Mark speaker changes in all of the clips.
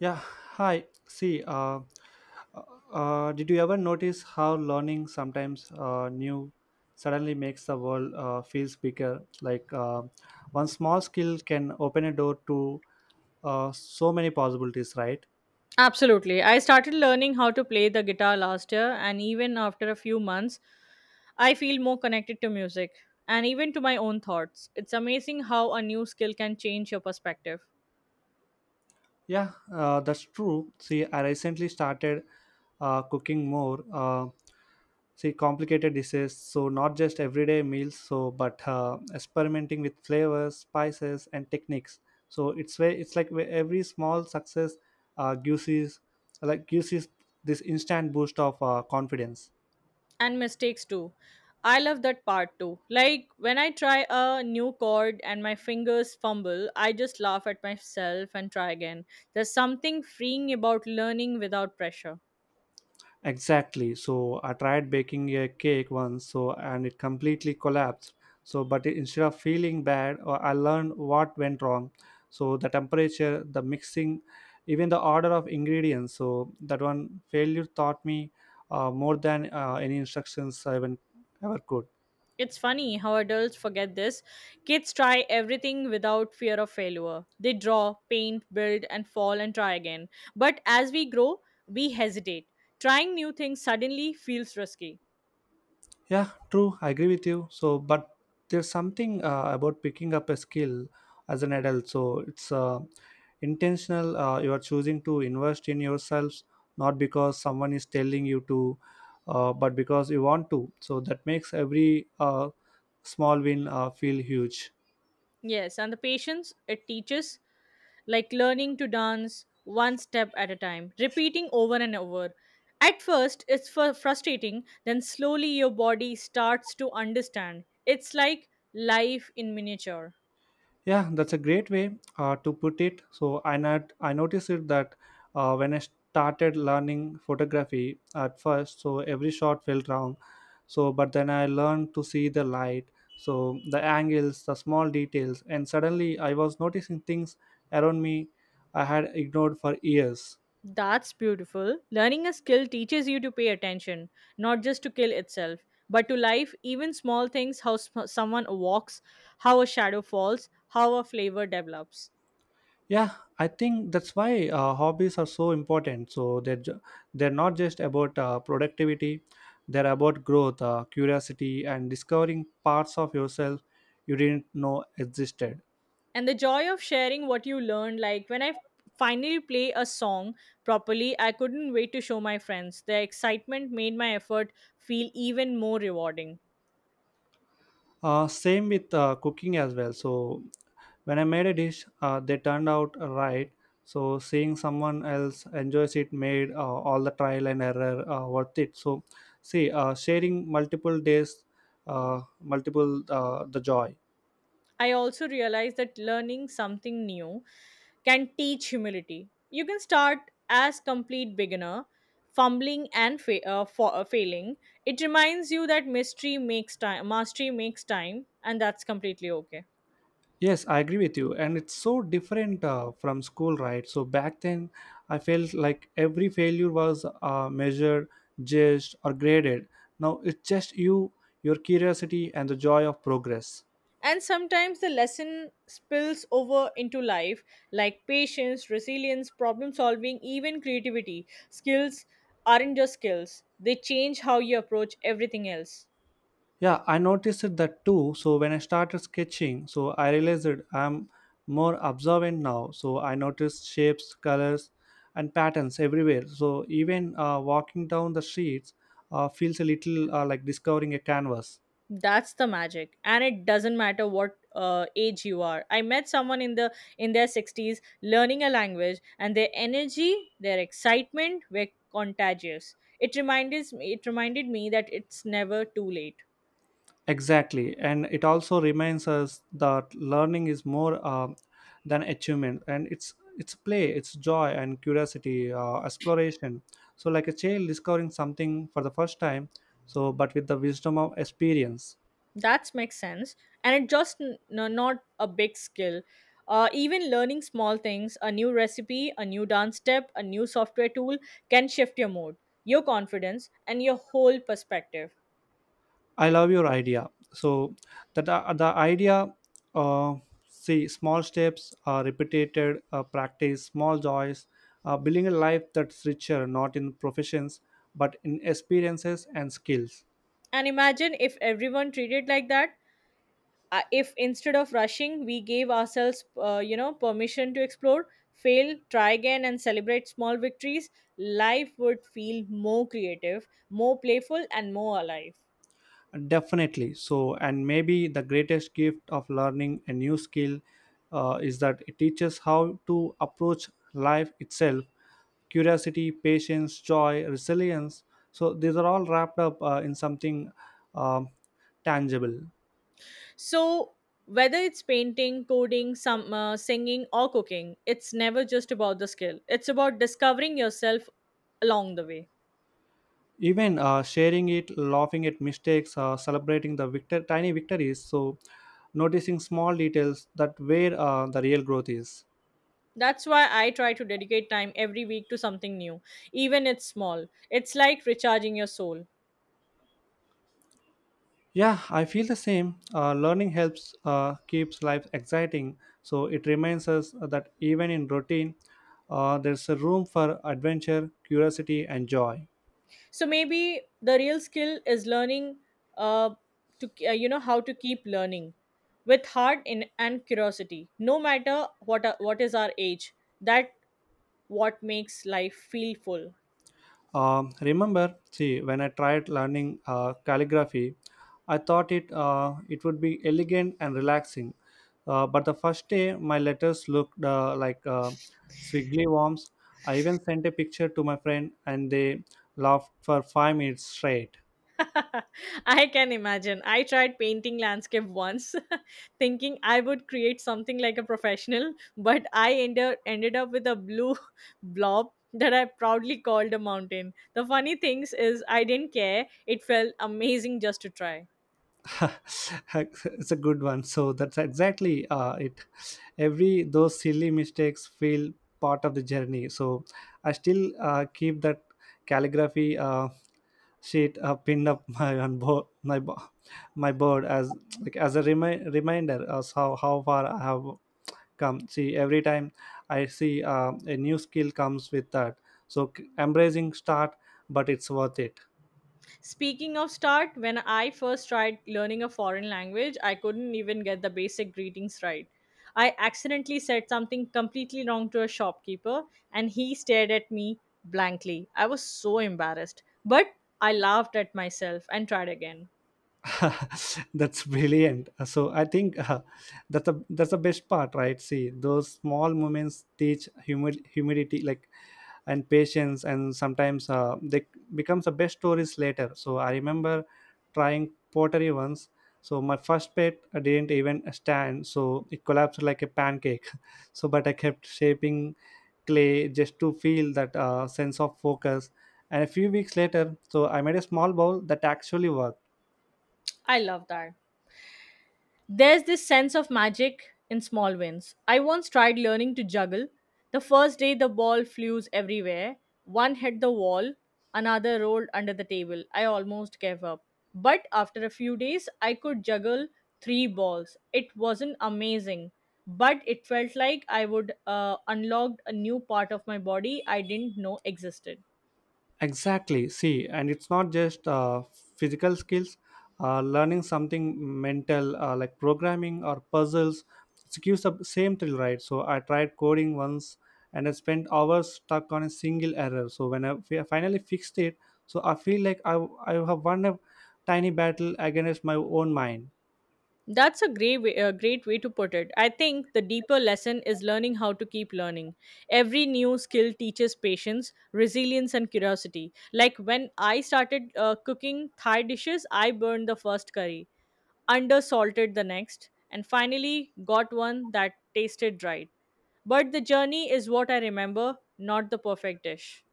Speaker 1: Yeah, hi. See, did you ever notice how learning sometimes new suddenly makes the world feels bigger? Like one small skill can open a door to so many possibilities, right?
Speaker 2: Absolutely. I started learning how to play the guitar last year, and even after a few months, I feel more connected to music and even to my own thoughts. It's amazing how a new skill can change your perspective,
Speaker 1: Yeah, that's true. See, I recently started cooking more. See, complicated dishes, so not just everyday meals, so but experimenting with flavors, spices, and techniques. So it's like where every small success uh, gives is gives is this instant boost of confidence.
Speaker 2: and mistakes too. I love that part too. Like when I try a new chord and my fingers fumble, I just laugh at myself and try again. There's something freeing about learning without pressure.
Speaker 1: Exactly. So I tried baking a cake once, so and it completely collapsed. So, but instead of feeling bad, I learned what went wrong. So the temperature, the mixing, even the order of ingredients. So that one failure taught me more than any instructions I even ever could.
Speaker 2: It's funny how adults forget this. Kids try everything without fear of failure. They draw, paint, build, and fall and try again. But as we grow, we hesitate. Trying new things suddenly feels risky.
Speaker 1: Yeah, true. I agree with you. So, but there's something about picking up a skill as an adult. So it's intentional. You are choosing to invest in yourselves, not because someone is telling you to, but because you want to. So that makes every small win feel huge.
Speaker 2: Yes, and the patience it teaches, like learning to dance one step at a time, repeating over and over. At first, it's frustrating, then slowly your body starts to understand. It's like life in miniature.
Speaker 1: Yeah, that's a great way to put it. So I not I noticed it that when I started learning photography at first, so every shot felt wrong. So but then I learned to see the light, so the angles, the small details, and suddenly I was noticing things around me I had ignored for years.
Speaker 2: That's beautiful. Learning a skill teaches you to pay attention, not just to kill itself, but to life, even small things, how someone walks, how a shadow falls, how a flavor develops.
Speaker 1: Yeah, I think that's why hobbies are so important, so they're not just about productivity, they're about growth, curiosity, and discovering parts of yourself you didn't know existed.
Speaker 2: And the joy of sharing what you learned, like when I finally play a song properly, I couldn't wait to show my friends. The excitement made my effort feel even more rewarding.
Speaker 1: Same with cooking as well. So when I made a dish they turned out right, so seeing someone else enjoys it made all the trial and error worth it. So see, sharing multiple days, multiple the joy.
Speaker 2: I also realized that learning something new can teach humility. You can start as complete beginner, fumbling and failing. It reminds you that mystery makes time, mastery makes time, and that's completely okay.
Speaker 1: Yes, I agree with you. And it's so different from school, right? So back then, I felt like every failure was measured, judged, or graded. Now it's just you, your curiosity, and the joy of progress.
Speaker 2: And sometimes the lesson spills over into life, like patience, resilience, problem solving, even creativity. Skills aren't just skills; they change how you approach everything else.
Speaker 1: Yeah, I noticed it that too. So when I started sketching, so I realized that I'm more observant now. So I noticed shapes, colors, and patterns everywhere. So even walking down the streets feels a little like discovering a canvas.
Speaker 2: That's the magic, and it doesn't matter what age you are. I met someone in their 60s learning a language, and their energy, their excitement were contagious. It reminded me that it's never too late.
Speaker 1: Exactly, and it also reminds us that learning is more than achievement, and it's play, it's joy and curiosity, exploration. So, like a child discovering something for the first time, so but with the wisdom of experience.
Speaker 2: That makes sense, and it just not a big skill. Even learning small things, a new recipe, a new dance step, a new software tool, can shift your mood, your confidence, and your whole perspective.
Speaker 1: I love your idea. So that the idea, uh, see, small steps, repeated practice, small joys, building a life that's richer, not in professions but in experiences and skills.
Speaker 2: And imagine if everyone treated like that. If instead of rushing, we gave ourselves, permission to explore, fail, try again, and celebrate small victories, life would feel more creative, more playful, and more alive.
Speaker 1: Definitely. So, and maybe the greatest gift of learning a new skill is that it teaches how to approach life itself: curiosity, patience, joy, resilience. So, these are all wrapped up in something um tangible.
Speaker 2: So, whether it's painting, coding, some singing, or cooking, it's never just about the skill. It's about discovering yourself along the way.
Speaker 1: Even sharing it, laughing at mistakes, celebrating the tiny victories. So, noticing small details, that where the real growth is.
Speaker 2: That's why I try to dedicate time every week to something new, even it's small. It's like recharging your soul.
Speaker 1: Yeah, I feel the same. Learning helps keeps life exciting. So it reminds us that even in routine, there's a room for adventure, curiosity, and joy.
Speaker 2: So maybe the real skill is learning, uh, to, you know how to keep learning with heart in, and curiosity, no matter what what is our age. That what makes life feel full.
Speaker 1: Remember, see, when I tried learning calligraphy, I thought it would be elegant and relaxing. But the first day, my letters looked like squiggly worms. I even sent a picture to my friend, and they laughed for 5 minutes straight.
Speaker 2: I can imagine. I tried painting landscape once, thinking I would create something like a professional, but I ended up with a blue blob that I proudly called a mountain. The funny things is I didn't care. It felt amazing just to try.
Speaker 1: It's a good one, so that's exactly it. Every those silly mistakes feel part of the journey. So I still keep that calligraphy sheet pinned up my on bo- my board as like as a reminder as how far I have come. See, every time I see a new skill comes with that. So embracing start, but it's worth it.
Speaker 2: Speaking of start, when I first tried learning a foreign language, I couldn't even get the basic greetings right. I accidentally said something completely wrong to a shopkeeper and he stared at me blankly. I was so embarrassed, but I laughed at myself and tried again.
Speaker 1: That's brilliant. So I think that's the best part, right? See, those small moments teach humidity, like, and patience, and sometimes they becomes the best stories later. So I remember trying pottery once. So my first pet didn't even stand, so it collapsed like a pancake. So but I kept shaping clay just to feel that sense of focus, and a few weeks later, so I made a small bowl that actually worked.
Speaker 2: I love that. There's this sense of magic in small wins. I once tried learning to juggle. The first day, the ball flew everywhere. One hit the wall, another rolled under the table. I almost gave up. But after a few days, I could juggle three balls. It wasn't amazing, but it felt like I would unlocked a new part of my body I didn't know existed.
Speaker 1: Exactly. See, and it's not just physical skills. Learning something mental like programming or puzzles, it gives the same thrill, right? So I tried coding once, and I spent hours stuck on a single error. So when I finally fixed it, so I feel like I have won a tiny battle against my own mind.
Speaker 2: That's a great way to put it. I think the deeper lesson is learning how to keep learning. Every new skill teaches patience, resilience, and curiosity. Like when I started cooking Thai dishes, I burned the first curry, undersalted the next, and finally got one that tasted right. But the journey is what I remember, not the perfect dish.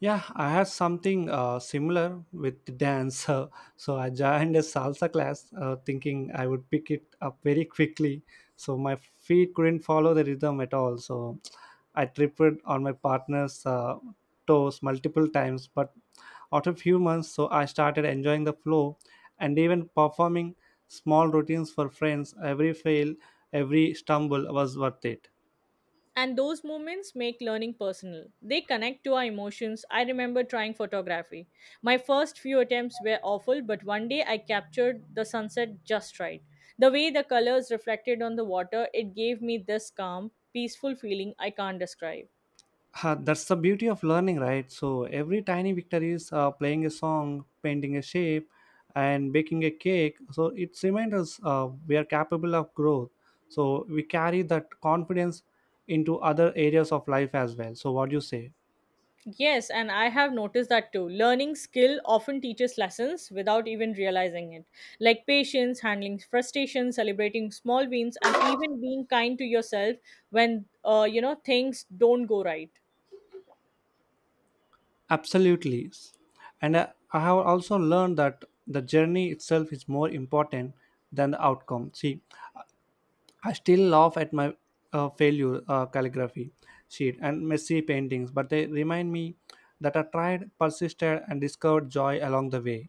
Speaker 1: Yeah, I had something similar with the dance. So I joined a salsa class thinking I would pick it up very quickly. So my feet couldn't follow the rhythm at all. So I tripped on my partner's toes multiple times. But after a few months, so I started enjoying the flow and even performing small routines for friends. Every fail, every stumble was worth it.
Speaker 2: And those moments make learning personal. They connect to our emotions. I remember trying photography. My first few attempts were awful, but one day I captured the sunset just right. The way the colors reflected on the water, it gave me this calm, peaceful feeling I can't describe.
Speaker 1: Ha, that's the beauty of learning, right? So every tiny victory is playing a song, painting a shape, and baking a cake. So it reminds us we are capable of growth. So we carry that confidence into other areas of life as well. So what do you say?
Speaker 2: Yes, and I have noticed that too. Learning skill often teaches lessons without even realizing it, like patience, handling frustration, celebrating small wins, and even being kind to yourself when you know things don't go right.
Speaker 1: Absolutely. And I have also learned that the journey itself is more important than the outcome. See, I still laugh at my failure calligraphy sheet and messy paintings, but they remind me that I tried, persisted, and discovered joy along the way.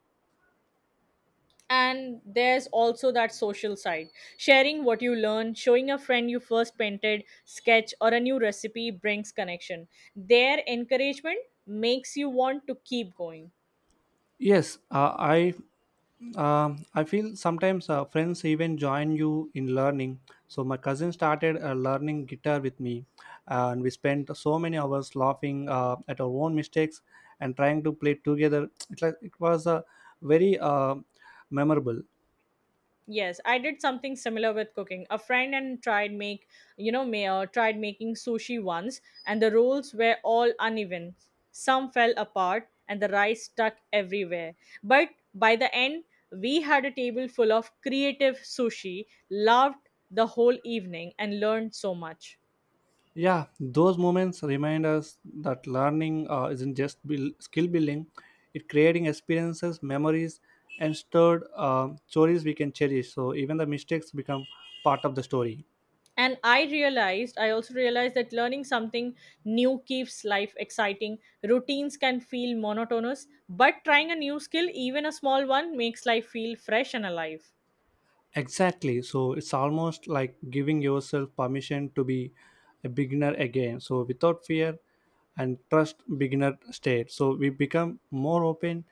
Speaker 2: And there's also that social side. Sharing what you learn, showing a friend you first painted, sketch, or a new recipe brings connection. Their encouragement makes you want to keep going.
Speaker 1: Yes, I feel sometimes friends even join you in learning. So my cousin started learning guitar with me, and we spent so many hours laughing at our own mistakes and trying to play together. It, like, it was very memorable.
Speaker 2: Yes, I did something similar with cooking. A friend and tried make, you know, may, tried making sushi once, and the rolls were all uneven. Some fell apart, and the rice stuck everywhere. But by the end, we had a table full of creative sushi, loved the whole evening, and learned so much.
Speaker 1: Yeah, those moments remind us that learning isn't just skill building; it creating experiences, memories, and stored stories we can cherish. So even the mistakes become part of the story.
Speaker 2: And I also realized that learning something new keeps life exciting. Routines can feel monotonous, but trying a new skill, even a small one, makes life feel fresh and alive.
Speaker 1: Exactly. So it's almost like giving yourself permission to be a beginner again. So without fear and trust, beginner state. So we become more open,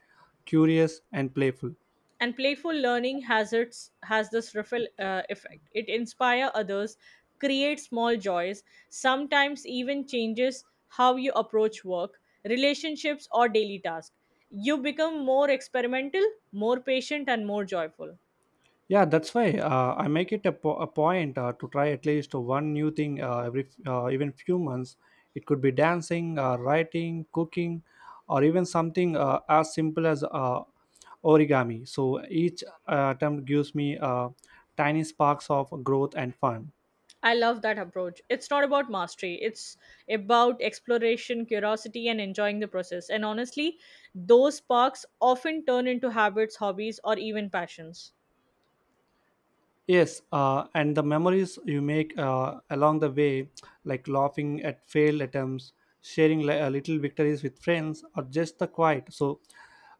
Speaker 1: curious, and playful.
Speaker 2: And playful learning has this ripple effect. It inspires others, creates small joys, sometimes even changes how you approach work, relationships, or daily tasks. You become more experimental, more patient, and more joyful.
Speaker 1: Yeah, that's why I make it a point to try at least one new thing even few months. It could be dancing, writing, cooking, or even something as simple as origami. So each attempt gives me tiny sparks of growth and fun.
Speaker 2: I love that approach. It's not about mastery, it's about exploration, curiosity, and enjoying the process. And honestly, those sparks often turn into habits, hobbies, or even passions.
Speaker 1: Yes, and the memories you make along the way, like laughing at failed attempts, sharing little victories with friends, or just the quiet. So,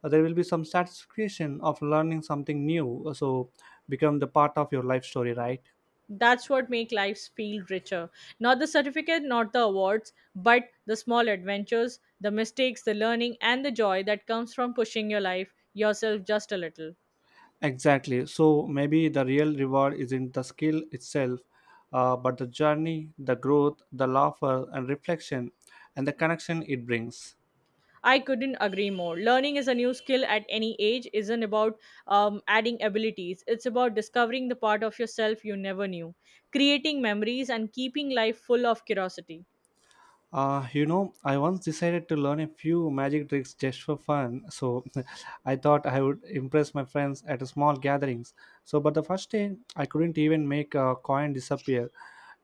Speaker 1: there will be some satisfaction of learning something new. So, become the part of your life story, right?
Speaker 2: That's what make lives feel richer. Not the certificate, not the awards, but the small adventures, the mistakes, the learning, and the joy that comes from pushing your life yourself just a little.
Speaker 1: Exactly. So, maybe the real reward isn't the skill itself, but the journey, the growth, the laughter, and reflection, and the connection it brings.
Speaker 2: I couldn't agree more. Learning is a new skill at any age isn't about adding abilities. It's about discovering the part of yourself you never knew, creating memories, and keeping life full of curiosity.
Speaker 1: You know, I once decided to learn a few magic tricks just for fun. So I thought I would impress my friends at a small gatherings. So, but the first day, I couldn't even make a coin disappear.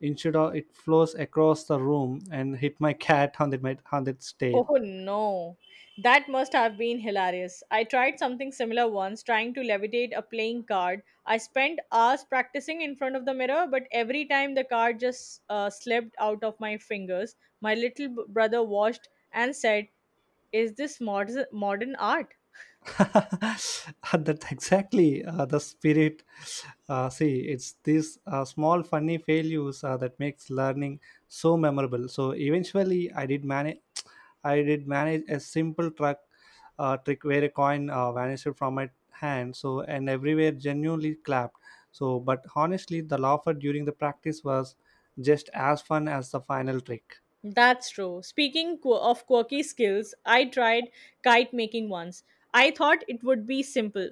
Speaker 1: Instead, of, it flows across the room and hit my cat on the on its tail.
Speaker 2: Oh no, that must have been hilarious. I tried something similar once, trying to levitate a playing card. I spent hours practicing in front of the mirror, but every time the card just slipped out of my fingers. My little brother watched and said, "Is this modern art?"
Speaker 1: That exactly the spirit. See, it's these small funny failures that makes learning so memorable. So eventually I did manage I did manage a simple truck trick where a coin vanished from my hand. So and everywhere genuinely clapped. So but honestly, the laughter during the practice was just as fun as the final trick.
Speaker 2: That's true. Speaking of quirky skills, I tried kite making once. I thought it would be simple,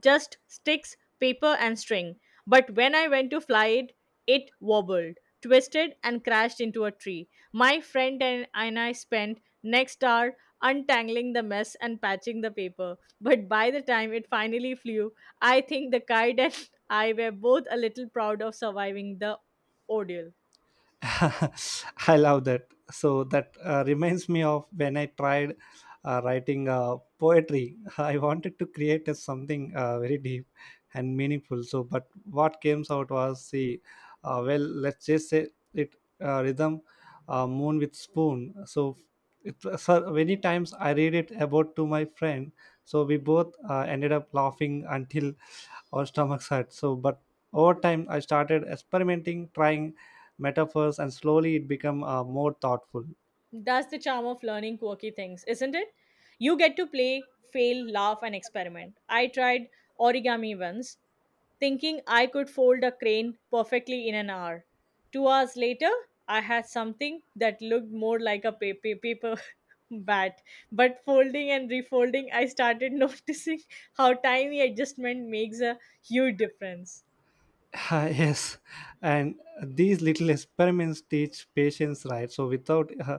Speaker 2: just sticks, paper, and string. But when I went to fly it, it wobbled, twisted, and crashed into a tree. My friend and I spent next hour untangling the mess and patching the paper. But by the time it finally flew, I think the kite and I were both a little proud of surviving the ordeal.
Speaker 1: I love that. So that reminds me of when I tried writing poetry. I wanted to create a something very deep and meaningful. So, but what came out was the well, let's just say it rhythm, moon with spoon. So, it so many times I read it about to my friend. So we both ended up laughing until our stomachs hurt. So, but over time I started experimenting, trying metaphors, and slowly it become more thoughtful.
Speaker 2: That's the charm of learning quirky things, isn't it? You get to play, fail, laugh, and experiment. I tried origami once, thinking I could fold a crane perfectly in an hour. 2 hours later, I had something that looked more like a paper, paper bat. But folding and refolding, I started noticing how tiny adjustment makes a huge difference.
Speaker 1: Yes, and these little experiments teach patience, right? So without,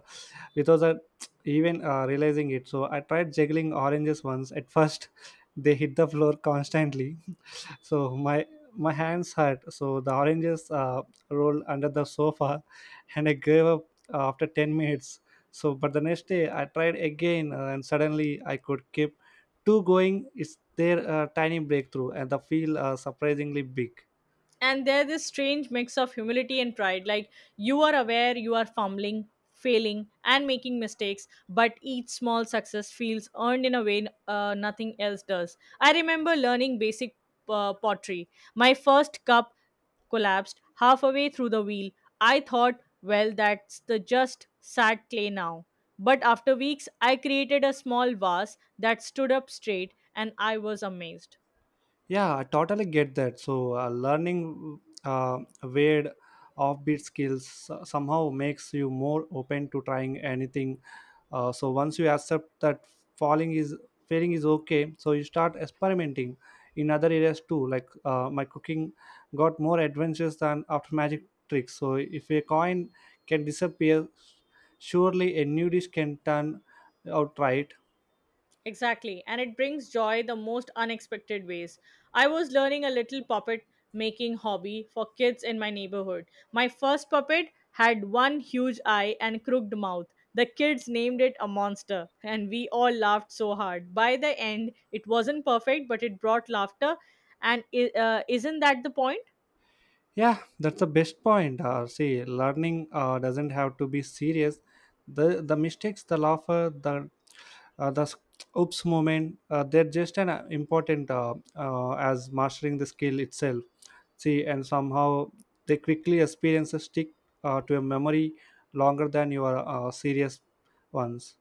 Speaker 1: without that even realizing it, so I tried juggling oranges once. At first, they hit the floor constantly, so my hands hurt. So the oranges rolled under the sofa, and I gave up after 10 minutes. So, but the next day I tried again, and suddenly I could keep two going. It's their tiny breakthrough, and the feel surprisingly big.
Speaker 2: And there's this strange mix of humility and pride, like you are aware you are fumbling, failing, and making mistakes, but each small success feels earned in a way nothing else does. I remember learning basic pottery. My first cup collapsed halfway through the wheel. I thought, well, that's the just sad clay now. But after weeks I created a small vase that stood up straight, and I was amazed.
Speaker 1: Yeah, I totally get that. So, learning weird offbeat skills somehow makes you more open to trying anything. So, once you accept that falling is failing is okay, so you start experimenting in other areas too. Like my cooking got more adventures than after magic tricks. So, if a coin can disappear, surely a new dish can turn out right.
Speaker 2: Exactly, and it brings joy the most unexpected ways. I was learning a little puppet making hobby for kids in my neighborhood. My first puppet had one huge eye and crooked mouth. The kids named it a monster, and we all laughed so hard. By the end, it wasn't perfect, but it brought laughter. And isn't that the point?
Speaker 1: Yeah, that's the best point. See, learning doesn't have to be serious. The mistakes, the laughter, the uh, the s- oops moment, they're just an important as mastering the skill itself. See, and somehow they quickly experiences stick to a memory longer than your serious ones.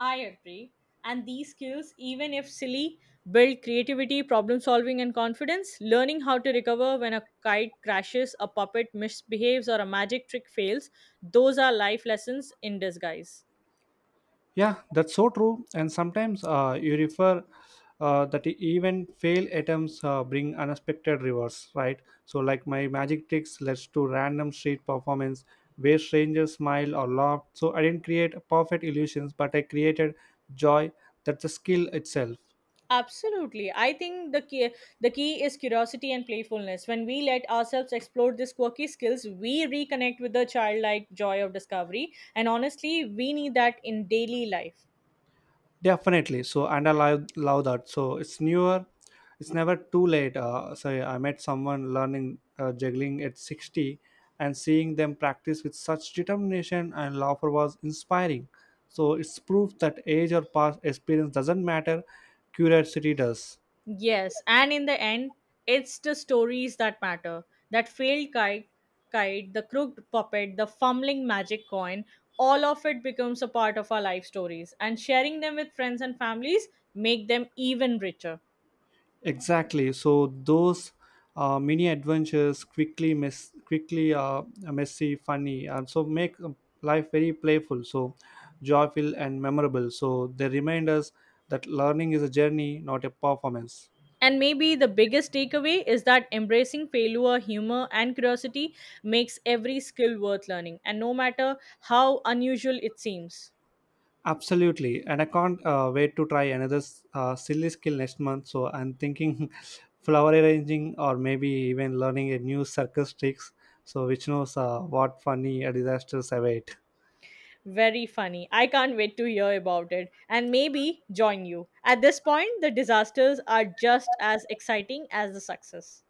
Speaker 2: I agree. And these skills, even if silly, build creativity, problem solving, and confidence. Learning how to recover when a kite crashes, a puppet misbehaves, or a magic trick fails, those are life lessons in disguise.
Speaker 1: Yeah, that's so true. And sometimes you refer that even fail attempts bring unexpected rewards, right? So, like my magic tricks led to random street performance where strangers smiled or laughed. So, I didn't create perfect illusions, but I created joy. That's a skill itself.
Speaker 2: Absolutely. I think the key is curiosity and playfulness. When we let ourselves explore these quirky skills, we reconnect with the childlike joy of discovery. And honestly, we need that in daily life.
Speaker 1: Definitely. So, and I love, love that. So, it's newer. It's never too late. Sorry, I met someone learning juggling at 60, and seeing them practice with such determination and laughter was inspiring. So, it's proof that age or past experience doesn't matter, curiosity does.
Speaker 2: Yes, and in the end, it's the stories that matter. That failed kite, the crooked puppet, the fumbling magic coin, all of it becomes a part of our life stories. And sharing them with friends and families make them even richer.
Speaker 1: Exactly. So those mini adventures quickly mess quickly messy, funny, and so make life very playful, so joyful and memorable. So they remind us that learning is a journey, not a performance.
Speaker 2: And maybe the biggest takeaway is that embracing failure, humor, and curiosity makes every skill worth learning, and no matter how unusual it seems.
Speaker 1: Absolutely, and I can't wait to try another silly skill next month. So I'm thinking flower arranging, or maybe even learning a new circus tricks. So which knows what funny disasters await.
Speaker 2: Very funny. I can't wait to hear about it and maybe join you. At this point, the disasters are just as exciting as the success.